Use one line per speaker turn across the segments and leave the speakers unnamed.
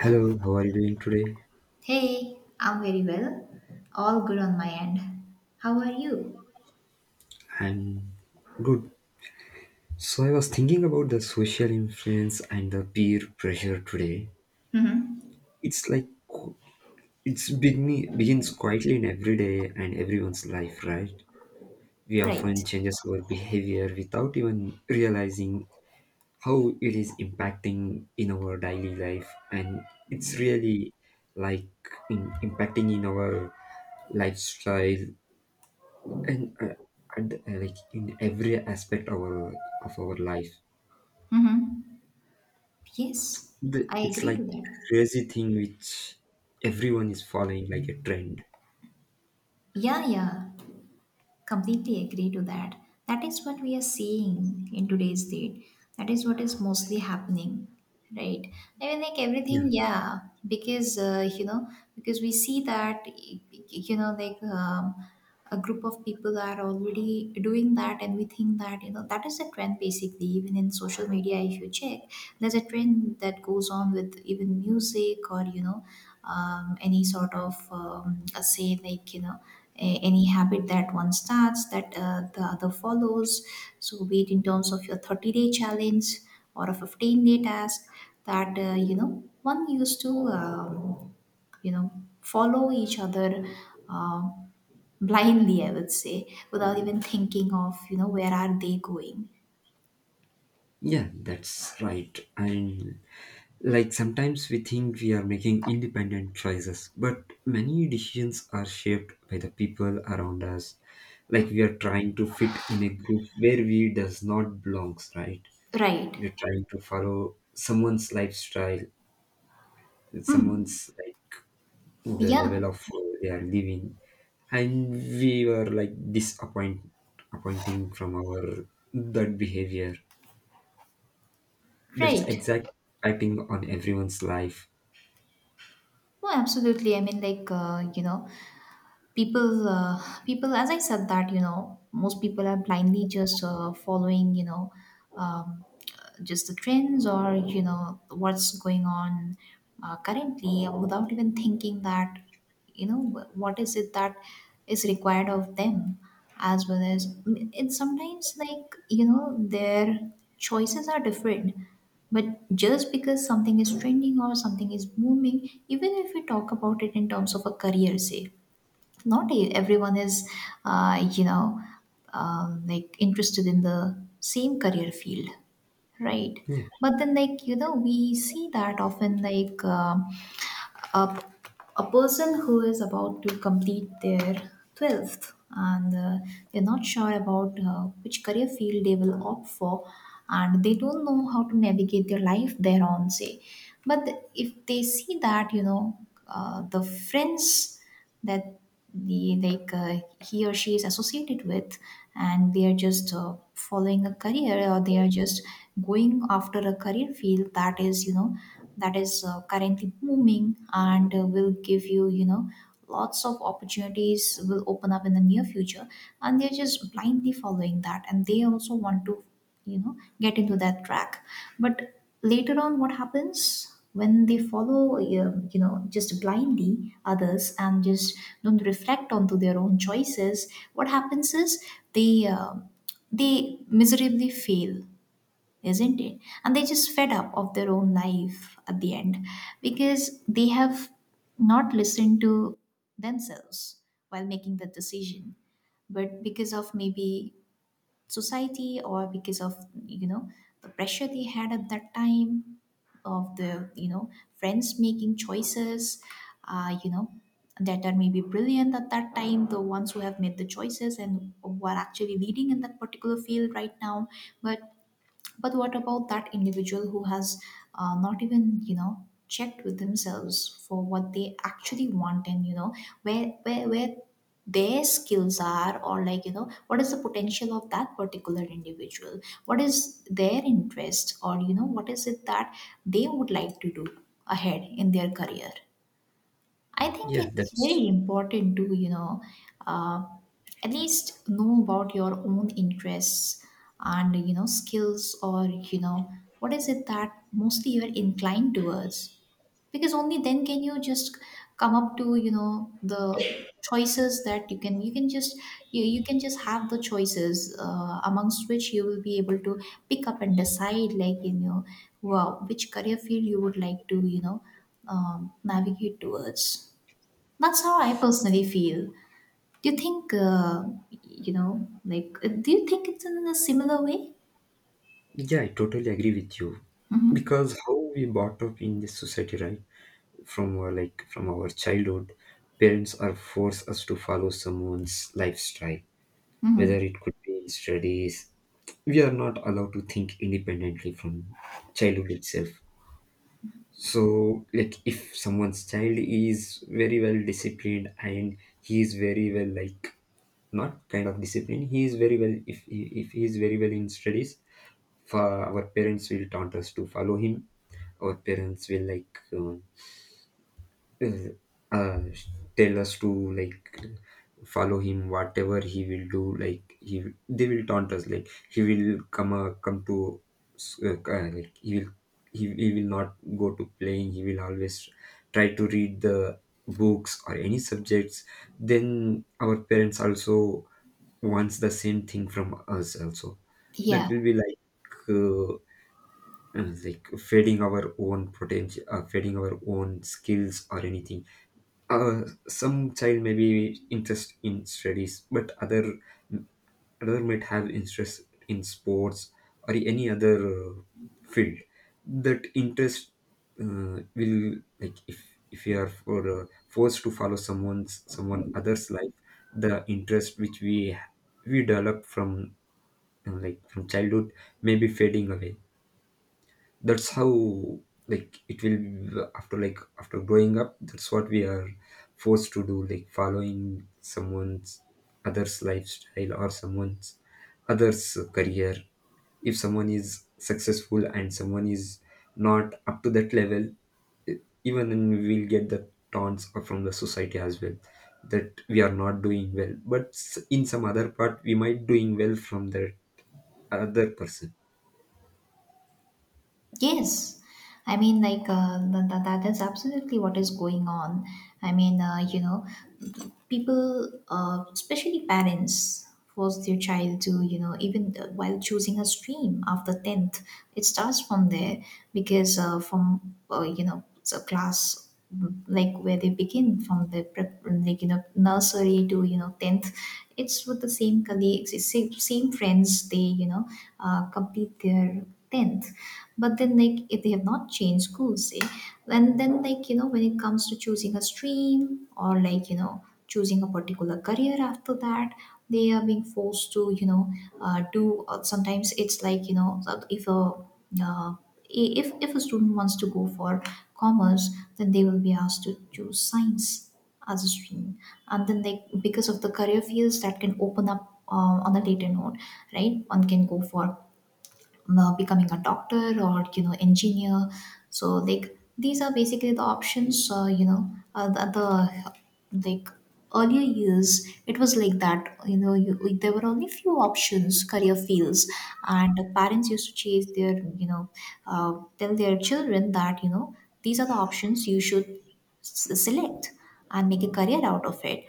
Hello, how are you doing today?
Hey, I'm very well. All good on my end. How are you?
I'm good. So, I was thinking about the social influence and the peer pressure today.
Mm-hmm.
It's like begins quietly in every day and everyone's life, right? We
Right.
often changes our behavior without even realizing how it is impacting in our daily life, and it's really like impacting in our lifestyle and uh, and like in every aspect of our life.
Mm-hmm. Yes, I
It's
agree
like
to that.
crazy thing which everyone is following like a trend.
Yeah, yeah, completely agree to that. That is what we are seeing in today's date. That is what is mostly happening, right? I mean, like
Yeah,
everything, yeah. Because because we see that, you know, like a group of people are already doing that, and we think that, you know, that is a trend. Basically, even in social media, if you check, there's a trend that goes on with even music, or, you know, any sort of say, like, you know, any habit that one starts, that the other follows. So be it in terms of your 30-day challenge or a 15-day task, that you know, one used to you know, follow each other, uh, blindly, I would say, without even thinking of, you know, where are they going,
yeah, that's right. And like sometimes we think we are making independent choices, but many decisions are shaped by the people around us. Like we are trying to fit in a group where we does not belongs, right?
right?
We're trying to follow someone's lifestyle, someone's like. To the
Yeah,
level of food they are living, and we were like disappointing from our that behavior. That's
right.
exactly impacting on everyone's life.
No, absolutely. I mean, like, you know, people uh, people, as I said, that, you know, most people are blindly just following, you know, um, just the trends, or, you know, what's going on currently, without even thinking that, you know, what is it that is required of them, as well as it's sometimes, like, you know, their choices are different, but just because something is trending or something is booming, even if we talk about it in terms of a career, say, not everyone is you know, like interested in the same career field, right?
Yeah,
But then, like, you know, we see that often, like, a, a person who is about to complete their 12th, and they're not sure about which career field they will opt for, and they don't know how to navigate their life thereon, say. But if they see that, you know, the friends that, the like, he or she is associated with, and they are just following a career, or they are just going after a career field that is, you know, that is currently booming, and will give you, you know, lots of opportunities, will open up in the near future, and they're just blindly following that, and they also want to, you know, get into that track. But later on, what happens when they follow, you know, just blindly others, and just don't reflect onto their own choices, what happens is they uh, they miserably fail, isn't it? And they just fed up of their own life at the end, because they have not listened to themselves while making the decision, but because of maybe society, or because of, you know, the pressure they had at that time, of the, you know, friends making choices, you know, that are maybe brilliant at that time, the ones who have made the choices and who are actually leading in that particular field right now. but but what about that individual who has not even, you know, checked with themselves for what they actually want, and, you know, where their skills are, or, like, you know, what is the potential of that particular individual? What is their interest, or, you know, what is it that they would like to do ahead in their career? I think
yeah,
it's
that's
very important to, you know, uh, at least know about your own interests, and, you know, skills, or, you know, what is it that mostly you're inclined towards? Because only then can you just come up to, you know, the choices that you can just you can just have the choices amongst which you will be able to pick up and decide, like, you know, wow, which career field you would like to, you know, navigate towards. That's how I personally feel. Do you think, you know, like, do you think it's in a similar way?
Yeah, I totally agree with you, because how we brought up in this society, right? From our like from our childhood, parents are force us to follow someone's lifestyle, whether it could be studies. We are not allowed to think independently from childhood itself. So like if someone's child is very well disciplined and he is very well, like not kind of disciplined, he is very well, if he is very well in studies, for our parents will taunt us to follow him. Our parents will like uh, uh, tell us to, like, follow him whatever he will do. Like he, they will taunt us like he will come to, like he will, he will not go to playing. He will always try to read the books or any subjects. Then our parents also wants the same thing from us also. That
Yeah.
will be like, uh, like fading our own potential, fading our own skills or anything. uh, some child may be interest in studies, but other might have interest in sports or any other field. That interest will, like, if we are forced to follow someone other's life, the interest which we develop from childhood may be fading away. That's how, like, it will after growing up. That's what we are forced to do, like following someone's other's lifestyle or someone's other's career. If someone is successful and someone is not up to that level, e- even then we will get the taunts from the society as well, that we are not doing well, but in some other part we might doing well from that other person.
Yes, I mean, like, that is absolutely what is going on. I mean, you know, people, especially parents, force their child to, you know, even while choosing a stream after 10th, it starts from there. Because you know, it's a class like where they begin from the prep, like, you know, nursery to, you know, 10th. It's with the same colleagues, it's same friends, they, you know, complete their 10th. But then, like, if they have not changed schools, see, and then, like, you know, when it comes to choosing a stream, or, like, you know, choosing a particular career after that, they are being forced to, you know, do sometimes it's like, you know, uh, if a student wants to go for commerce, then they will be asked to choose science as a stream, and then, like, because of the career fields that can open up on a later note, right, one can go for becoming a doctor, or, you know, engineer. So like, these are basically the options, you know uh, the, the like earlier years, it was like that, you know, you, there were only few options, career fields, and the parents used to chase their, you know, tell their children that, you know, these are the options you should select and make a career out of it.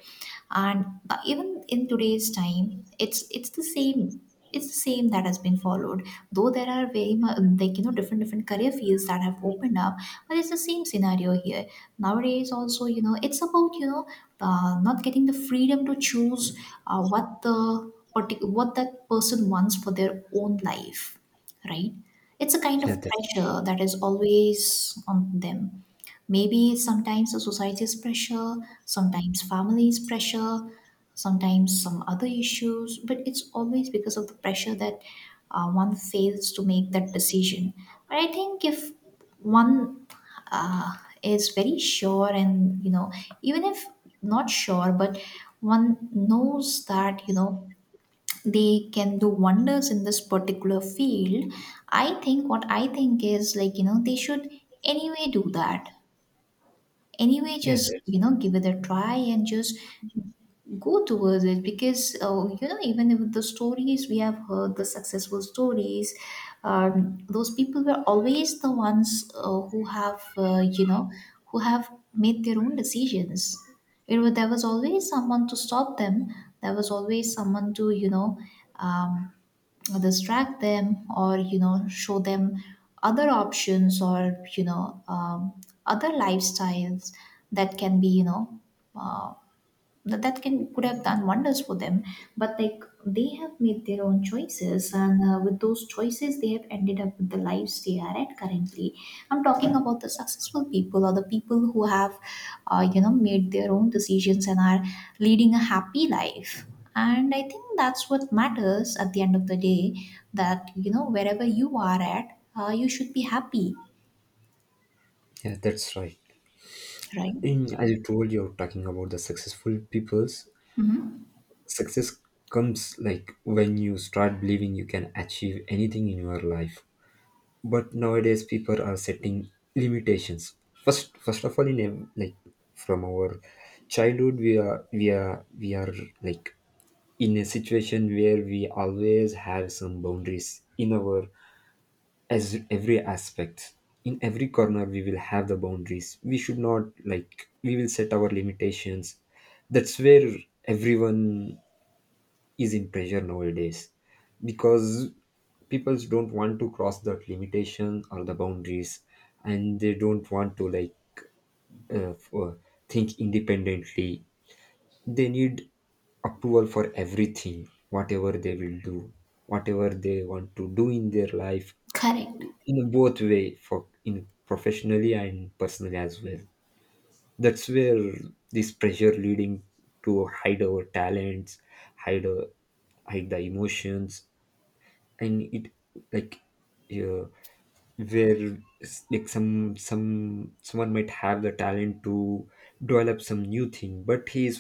And even in today's time, it's the same. It's the same that has been followed, though there are very much, like, you know, different different career fields that have opened up, but it's the same scenario here nowadays also, you know. It's about, you know, not getting the freedom to choose what that person wants for their own life, right? It's a kind of
Yeah,
pressure that is always on them. Maybe sometimes the society's pressure, sometimes family's pressure, sometimes some other issues, but it's always because of the pressure that one fails to make that decision. But I think if one uh, is very sure, and, you know, even if not sure, but one knows that, you know, they can do wonders in this particular field, I think, what I think is, like, you know, they should anyway do that, anyway,
yeah,
just, you know, give it a try, and just go towards it. Because you know, even if the stories we have heard, the successful stories, those people were always the ones who have you know, who have made their own decisions. It was, there was always someone to stop them. There was always someone to, you know, um, distract them, or, you know, show them other options, or, you know, other lifestyles that can be, you know, uh, that that can could have done wonders for them. But, like, they have made their own choices, and with those choices, they have ended up with the lives they are at currently. I'm talking about the successful people, or the people who have you know, made their own decisions, and are leading a happy life. And I think that's what matters at the end of the day, that, you know, wherever you are at, you should be happy.
yeah, that's right.
Right.
in As you told, you're talking about the successful people's success. Comes like when you start believing you can achieve anything in your life, but nowadays people are setting limitations. First of all, like, from our childhood we are like in a situation where we always have some boundaries in our, as every aspect, in every corner we will have the boundaries. We should not, like, we will set our limitations. That's where everyone is in pressure nowadays, because people don't want to cross that limitation or the boundaries, and they don't want to, like, uh, for, think independently. They need approval for everything whatever they will do, whatever they want to do in their life,
Correct.
in both way for, in professionally and personally as well. That's where this pressure leading to hide our talents, hide our, hide the emotions. And it, like, uh, where like someone might have the talent to develop some new thing, but he is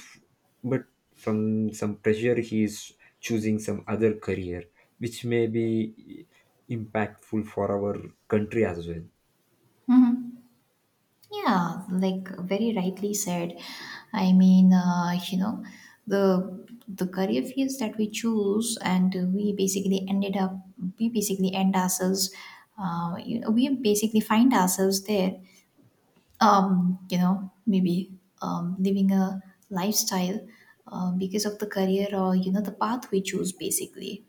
but from some pressure he is choosing some other career, which may be impactful for our country as well.
Mhm. Yeah, like, very rightly said. I mean, you know, the career fields that we choose, and we basically ended up, we basically end ourselves, you know, we basically find ourselves there. Maybe living a lifestyle because of the career, or you know the path we choose, basically.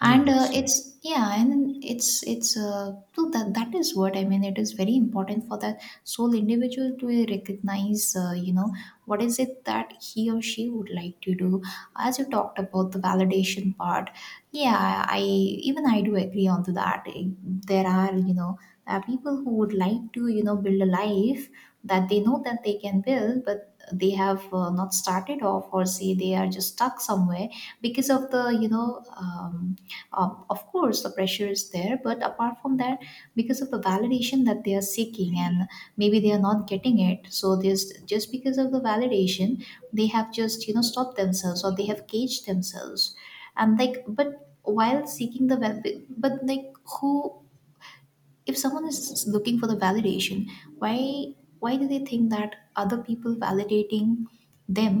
Yeah,
And
that's right.
it's yeah and it's so that is what I mean. It is very important for that sole individual to recognize, what is it that he or she would like to do. As you talked about the validation part, yeah, I do agree on to that. there are you know there are people who would like to, you know, build a life that they know that they can build, but they have, not started off, or say they are just stuck somewhere because of the, of course the pressure is there, but apart from that, because of the validation that they are seeking, and maybe they are not getting it. So this, just because of the validation, they have just, you know, stopped themselves, or they have caged themselves. And like but while seeking the well but like who If someone is looking for the validation, why? Why do they think that other people validating them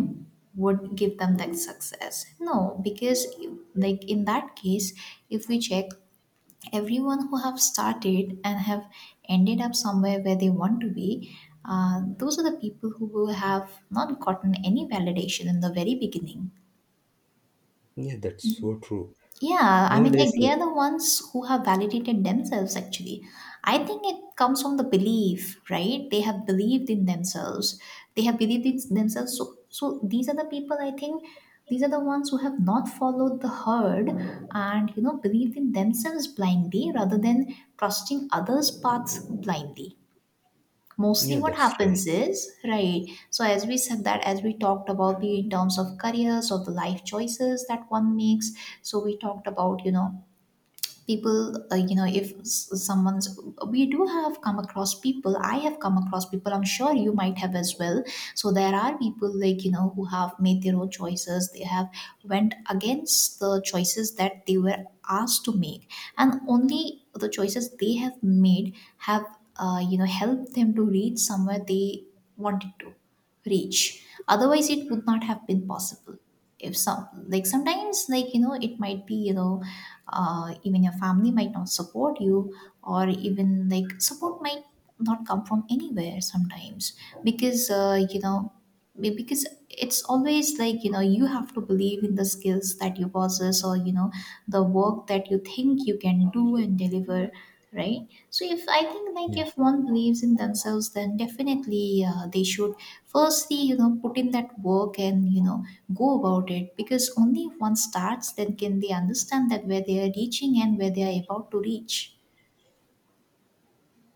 would give them that success? No, because, like, in that case, if we check, everyone who have started and have ended up somewhere where they want to be, those are the people who will have not gotten any validation in the very beginning.
Yeah, that's so true.
Yeah, I mean,
Nowadays,
like they
like,
are the ones who have validated themselves actually. I think it comes from the belief, right? They have believed in themselves. They have believed in themselves. So these are the people, I think these are the ones who have not followed the herd, and you know, believed in themselves blindly, rather than trusting others' paths blindly. Mostly
yeah,
what
that's right.
happens is, right, so as we said, that as we talked about the, in terms of careers or the life choices that one makes, so we talked about, you know, people, if someone's, we do have come across people, I have come across people, I'm sure you might have as well. So there are people, like, you know, who have made their own choices. They have went against the choices that they were asked to make, and only the choices they have made have, helped them to reach somewhere they wanted to reach. Otherwise, it would not have been possible. If some, like sometimes, like, you know, it might be, you know, even your family might not support you, or even like support might not come from anywhere sometimes, because, because it's always like, you know, you have to believe in the skills that you possess, or you know, the work that you think you can do and deliver, right? So if I think, like
Yeah,
if one believes in themselves, then definitely, they should, firstly, you know, put in that work, and you know, go about it, because only if one starts, then can they understand that where they are reaching and where they are about to reach.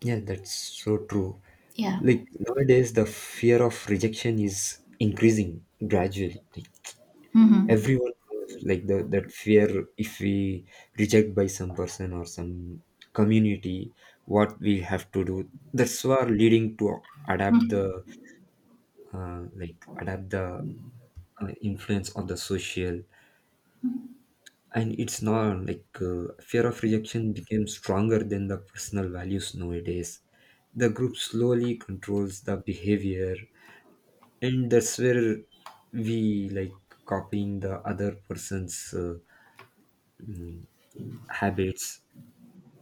yeah, that's so true.
Yeah.
Like nowadays, the fear of rejection is increasing gradually. Like,
Mm-hmm.
everyone has like the that fear, if we reject by some person or some community, what we have to do. That's what leading to adapt the uh, like adapt the influence of the social. And it's not like, fear of rejection became stronger than the personal values nowadays. The group slowly controls the behavior, and that's where we, like, copying the other person's mm, habits,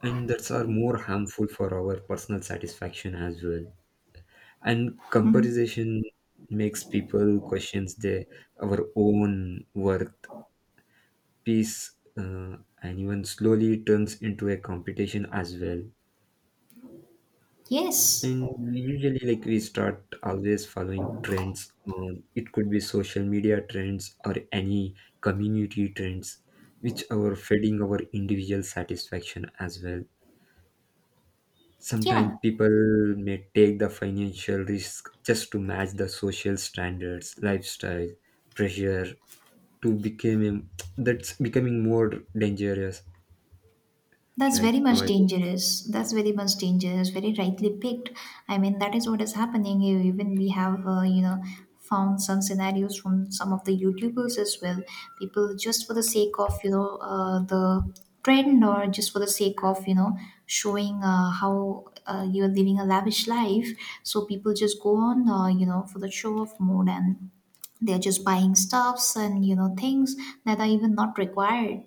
and that's are more harmful for our personal satisfaction as well. And
Mm-hmm.
comparison makes people questions their our own worth, peace, uh, and even slowly turns into a competition as well.
Yes.
And we usually, like, we start always following trends on. It could be social media trends or any community trends, which are feeding our individual satisfaction as well. Sometimes
Yeah.
people may take the financial risk just to match the social standards lifestyle pressure to become that's becoming more dangerous
That's
right
very much
now.
dangerous. That's very much dangerous. Very rightly picked. I mean, that is what is happening here. Even we have, found some scenarios from some of the YouTubers as well. People, just for the sake of, you know, the trend, or just for the sake of, you know, showing how you are living a lavish life. So people just go on, for the show off mode, and they're just buying stuffs, and, you know, things that are even not required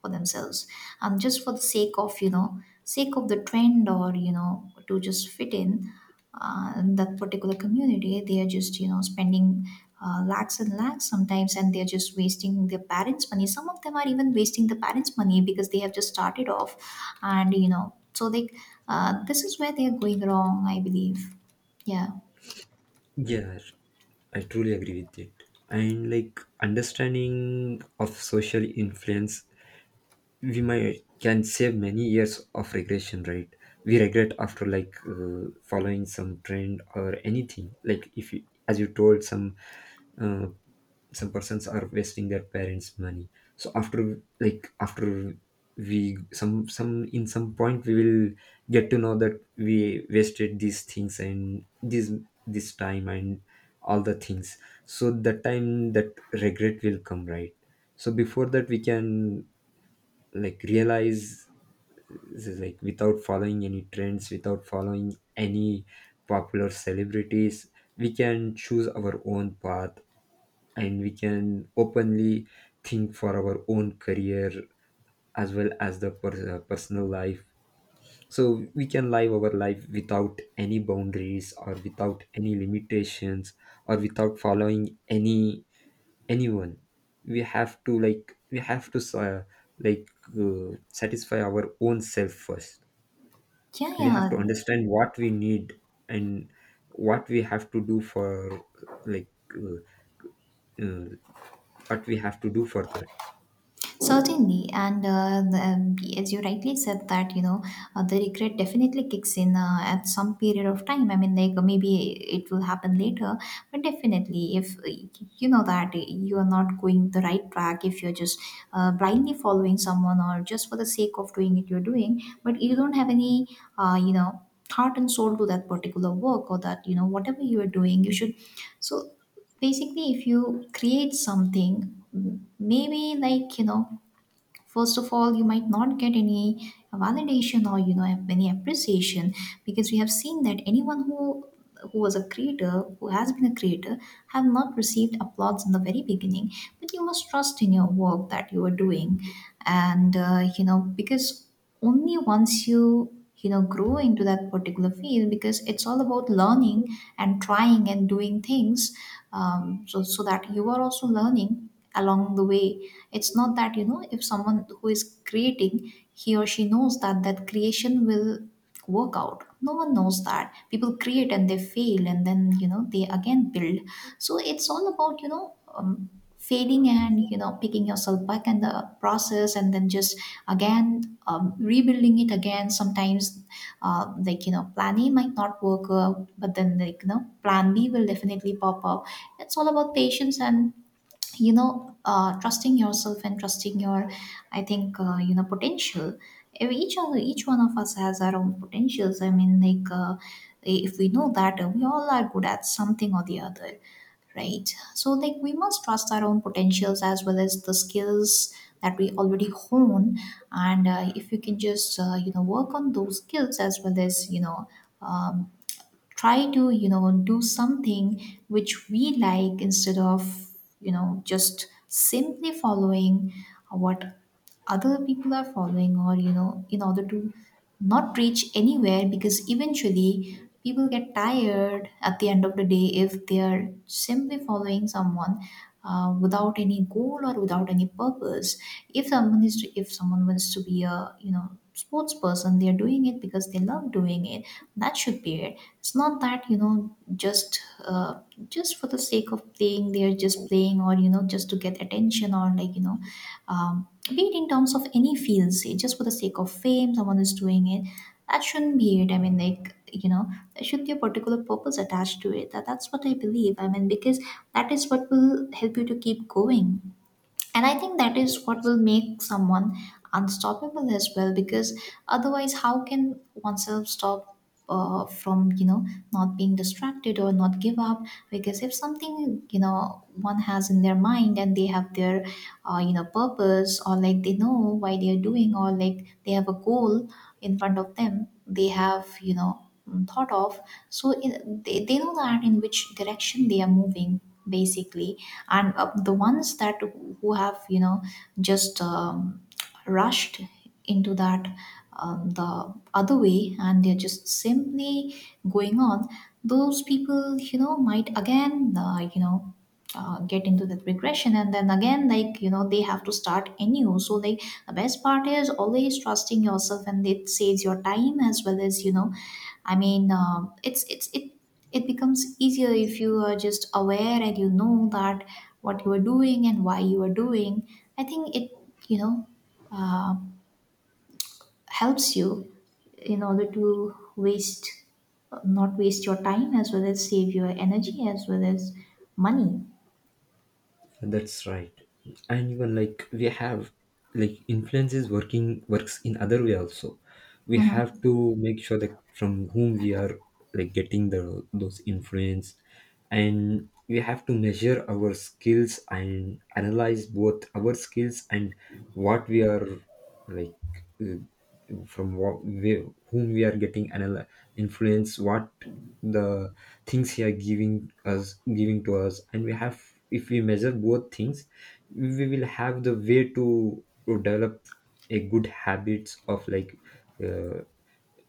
for themselves, and just for the sake of, you know, sake of the trend, or you know, to just fit in that particular community. They are just, you know, spending lakhs and lakhs sometimes, and they're just wasting their parents money. Some of them are even wasting the parents money, because they have just started off, and you know, so they, this is where they are going wrong, I believe. Yeah.
Yeah, I truly agree with it. And like understanding of social influence, we might can save many years of regression, right? We regret after like following some trend or anything. Like if you, as you told, uh, some persons are wasting their parents money. So after like after we some in some point we will get to know that we wasted these things and this time and all the things. So the time that regret will come, right? So before that, we can, like, realize, like, without following any trends, without following any popular celebrities, we can choose our own path, and we can openly think for our own career as well as the personal life. So we can live our life without any boundaries or without any limitations, or without following any anyone. We have to, like, like satisfy our own self first.
Yeah.
We have
Yeah.
to understand what we need, and what we have to do for like uh, what we have to do for that.
Certainly. And the, as you rightly said, that you know, the regret definitely kicks in at some period of time. I mean, like, maybe it will happen later, but definitely if, that you are not going the right track, if you're just, blindly following someone, or just for the sake of doing it, you're doing, but you don't have any, uh, you know heart and soul to that particular work, or that, you know, whatever you are doing, you should. So basically, if you create something, maybe, like, you know, first of all, you might not get any validation, or you know, any appreciation, because we have seen that anyone who was a creator, who has been a creator, have not received applause in the very beginning. But you must trust in your work that you are doing. And you know, because only once you, you know, grow into that particular field, because it's all about learning, and trying, and doing things. So that you are also learning along the way. It's not that, you know, if someone who is creating, he or she knows that that creation will work out. No one knows that. People create, and they fail, and then you know, they again build. So it's all about, failing, and you know, picking yourself back in the process, and then just again, rebuilding it again sometimes. Like, you know, plan A might not work out, but then, like, you know, plan B will definitely pop up. It's all about patience, and you know, trusting yourself, and trusting your, I think, potential. If each one of us has our own potentials. I mean, like, if we know that, we all are good at something or the other, right? So like, we must trust our own potentials, as well as the skills that we already hone. And if you can just, work on those skills, as well as you know, um, try to, you know, do something which we like, instead of, you know, just simply following what other people are following, or you know, in order to not reach anywhere, because eventually people get tired at the end of the day, if they are simply following someone, without any goal, or without any purpose. If someone wants to be a, you know, sports person, they are doing it because they love doing it. That should be it. It's not that, you know, just for the sake of playing, they're just playing, or you know, just to get attention, or like, you know, be it in terms of any field, say just for the sake of fame, someone is doing it. That shouldn't be it. I mean, like, you know, there should be a particular purpose attached to it. That's what I believe. I mean, because that is what will help you to keep going. And I think that is what will make someone unstoppable as well, because otherwise, how can oneself stop, from, you know, not being distracted, or not give up. Because if something, you know, one has in their mind, and they have their, purpose, or like, they know why they are doing, or like, they have a goal in front of them. They have, you know, thought of. So they know that in which direction they are moving basically. And the ones that who have, you know, just rushed into that, the other way, and they're just simply going on, those people, you know, might again, get into that regression, and then again, like, you know, they have to start anew. So like, the best part is always trusting yourself, and it saves your time, as well as, you know, I mean, it it becomes easier if you are just aware, and you know that what you are doing, and why you are doing. I think it, you know uh, helps you in order to waste not waste your time, as well as save your energy, as well as money.
That's right. And even like we have, like, influences working works in other way also. We have
Mhm.
to make sure that from whom we are, like, getting the those influence, and we have to measure our skills and analyze both our skills and what we are, like, uh, from what we, whom we are getting another influence, what the things he are giving us giving to us, and we have, if we measure both things, we will have the way to develop a good habits of, like, uh,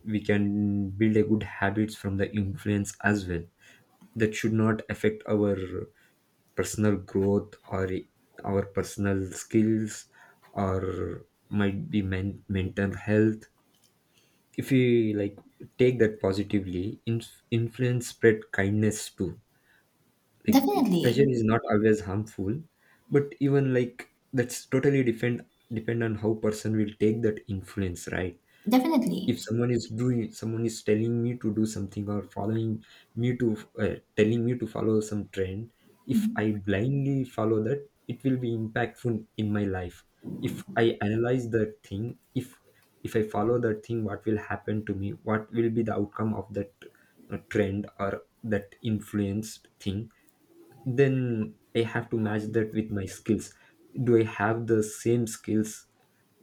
we can build a good habits from the influence as well, that should not affect our personal growth or our personal skills, or might be mental health, if we, like, take that positively influence, spread kindness too. Like pressure
Definitely,
is not always harmful, but even like that's totally depend on how person will take that influence, right?
definitely.
If someone is doing, someone is telling me to do something or following me to, telling me to follow some trend, if I blindly follow that, it will be impactful in my life. If I analyze that thing, if I follow that thing, what will happen to me, what will be the outcome of that trend or that influenced thing, then I have to match that with my skills. Do I have the same skills,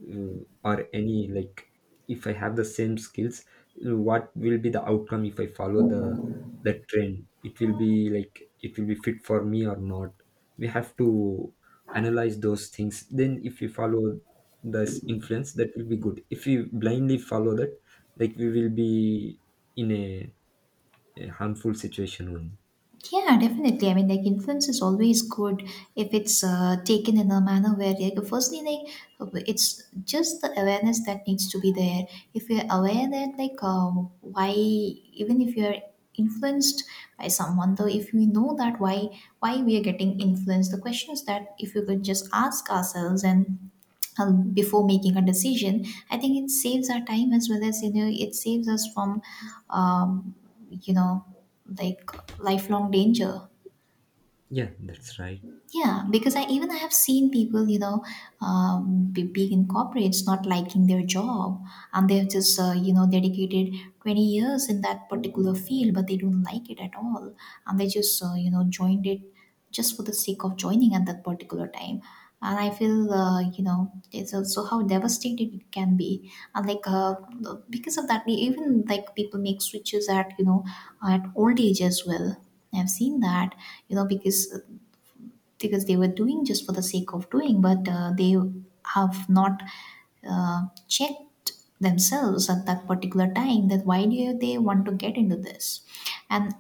or any, like, if I have the same skills, what will be the outcome if I follow the trend, it will be like it will be fit for me or not. We have to analyze those things, then if we follow this influence, that will be good. If we blindly follow that, like, we will be in a harmful situation only.
Yeah, definitely. I mean, like, influence is always good if it's, taken in a manner where, like, firstly, like, it's just the awareness that needs to be there. If you're aware that, like, why, even if you're influenced by someone, though, if we know that why we are getting influenced, the questions that if you could just ask ourselves, and before making a decision, I think it saves our time, as well as, you know, it saves us from um, you know like lifelong danger.
Yeah, that's right.
Yeah, because I, even I have seen people, you know, big in corporates not liking their job, and they have just, dedicated 20 years in that particular field, but they don't like it at all. And they just, joined it just for the sake of joining at that particular time. And I feel, it's also how devastated it can be. And like, because of that, we even, like, people make switches at, you know, at old age as well. I've seen that, you know, because they were doing just for the sake of doing, but they have not checked themselves at that particular time, that why do they want to get into this. And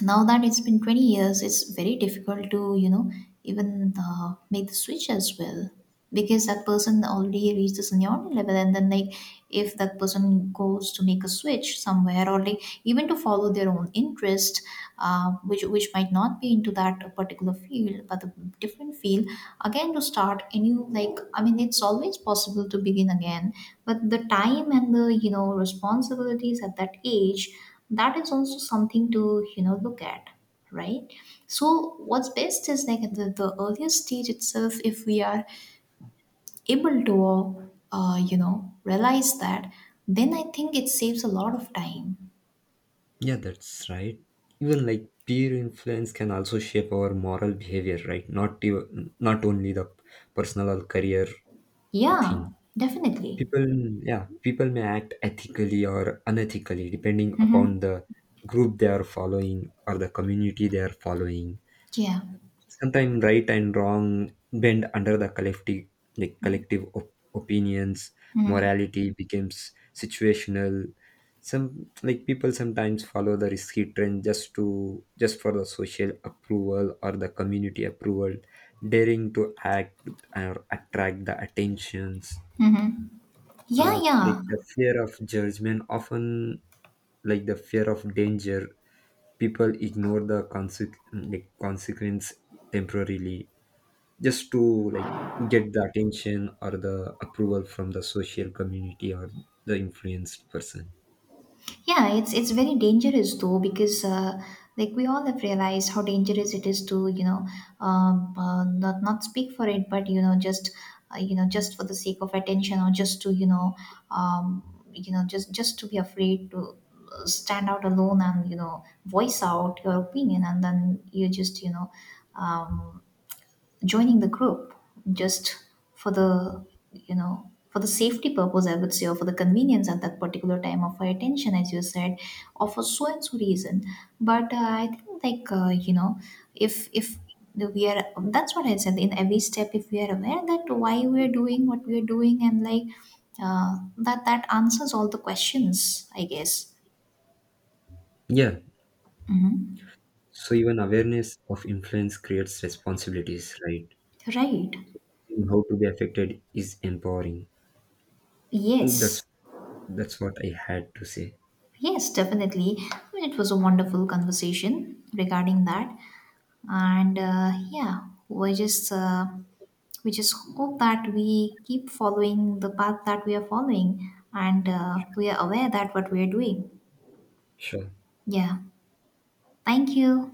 now that it's been 20 years, it's very difficult to, you know, even make the switch as well, because that person already reached the seniority level, and then like, if that person goes to make a switch somewhere, or like, even to follow their own interest, which might not be into that particular field, but a different field, again to start a new. Like, I mean, it's always possible to begin again, but the time, and the, you know, responsibilities at that age, that is also something to, you know, look at, right? So what's best is like at the earliest stage itself, if we are able to you know, realize that, then I think it saves a lot of time.
Yeah, that's right. Even like peer influence can also shape our moral behavior, right? Not even, not only the personal or career
Yeah,
thing.
definitely.
People, yeah, people may act ethically or unethically depending upon the group they are following or the community they are following.
Yeah.
Sometimes right and wrong bend under the collective, like collective opinions. Morality becomes situational. Some, like, people sometimes follow the risky trend just to, just for the social approval or the community approval, daring to act or attract the attentions.
Mm-hmm. Yeah. Yeah.
Like the fear of judgment, often like the fear of danger, people ignore the consequence temporarily, just to, like, get the attention or the approval from the social community or the influenced person.
Yeah, it's, very dangerous though, because, like, we all have realized how dangerous it is to, you know, not speak for it, but you know, just, just for the sake of attention, or just to, um, just, to be afraid to, stand out alone, and you know, voice out your opinion, and then you just, um, joining the group, just for the, you know, for the safety purpose, I would say, or for the convenience at that particular time of our attention, as you said, or for so and so reason. But I think, like, if we are, that's what I said, in every step, if we are aware that why we are doing what we are doing, and like, that answers all the questions, I guess.
Yeah, so even awareness of influence creates responsibilities, right?
Right.
Seeing how to be affected is empowering. that's
Yes,
that's what I had to say.
yes, definitely. I mean, it was a wonderful conversation regarding that. And yeah, we just uh, we just hope that we keep following the path that we are following, and we are aware that what we are doing.
Sure.
Yeah. Thank you.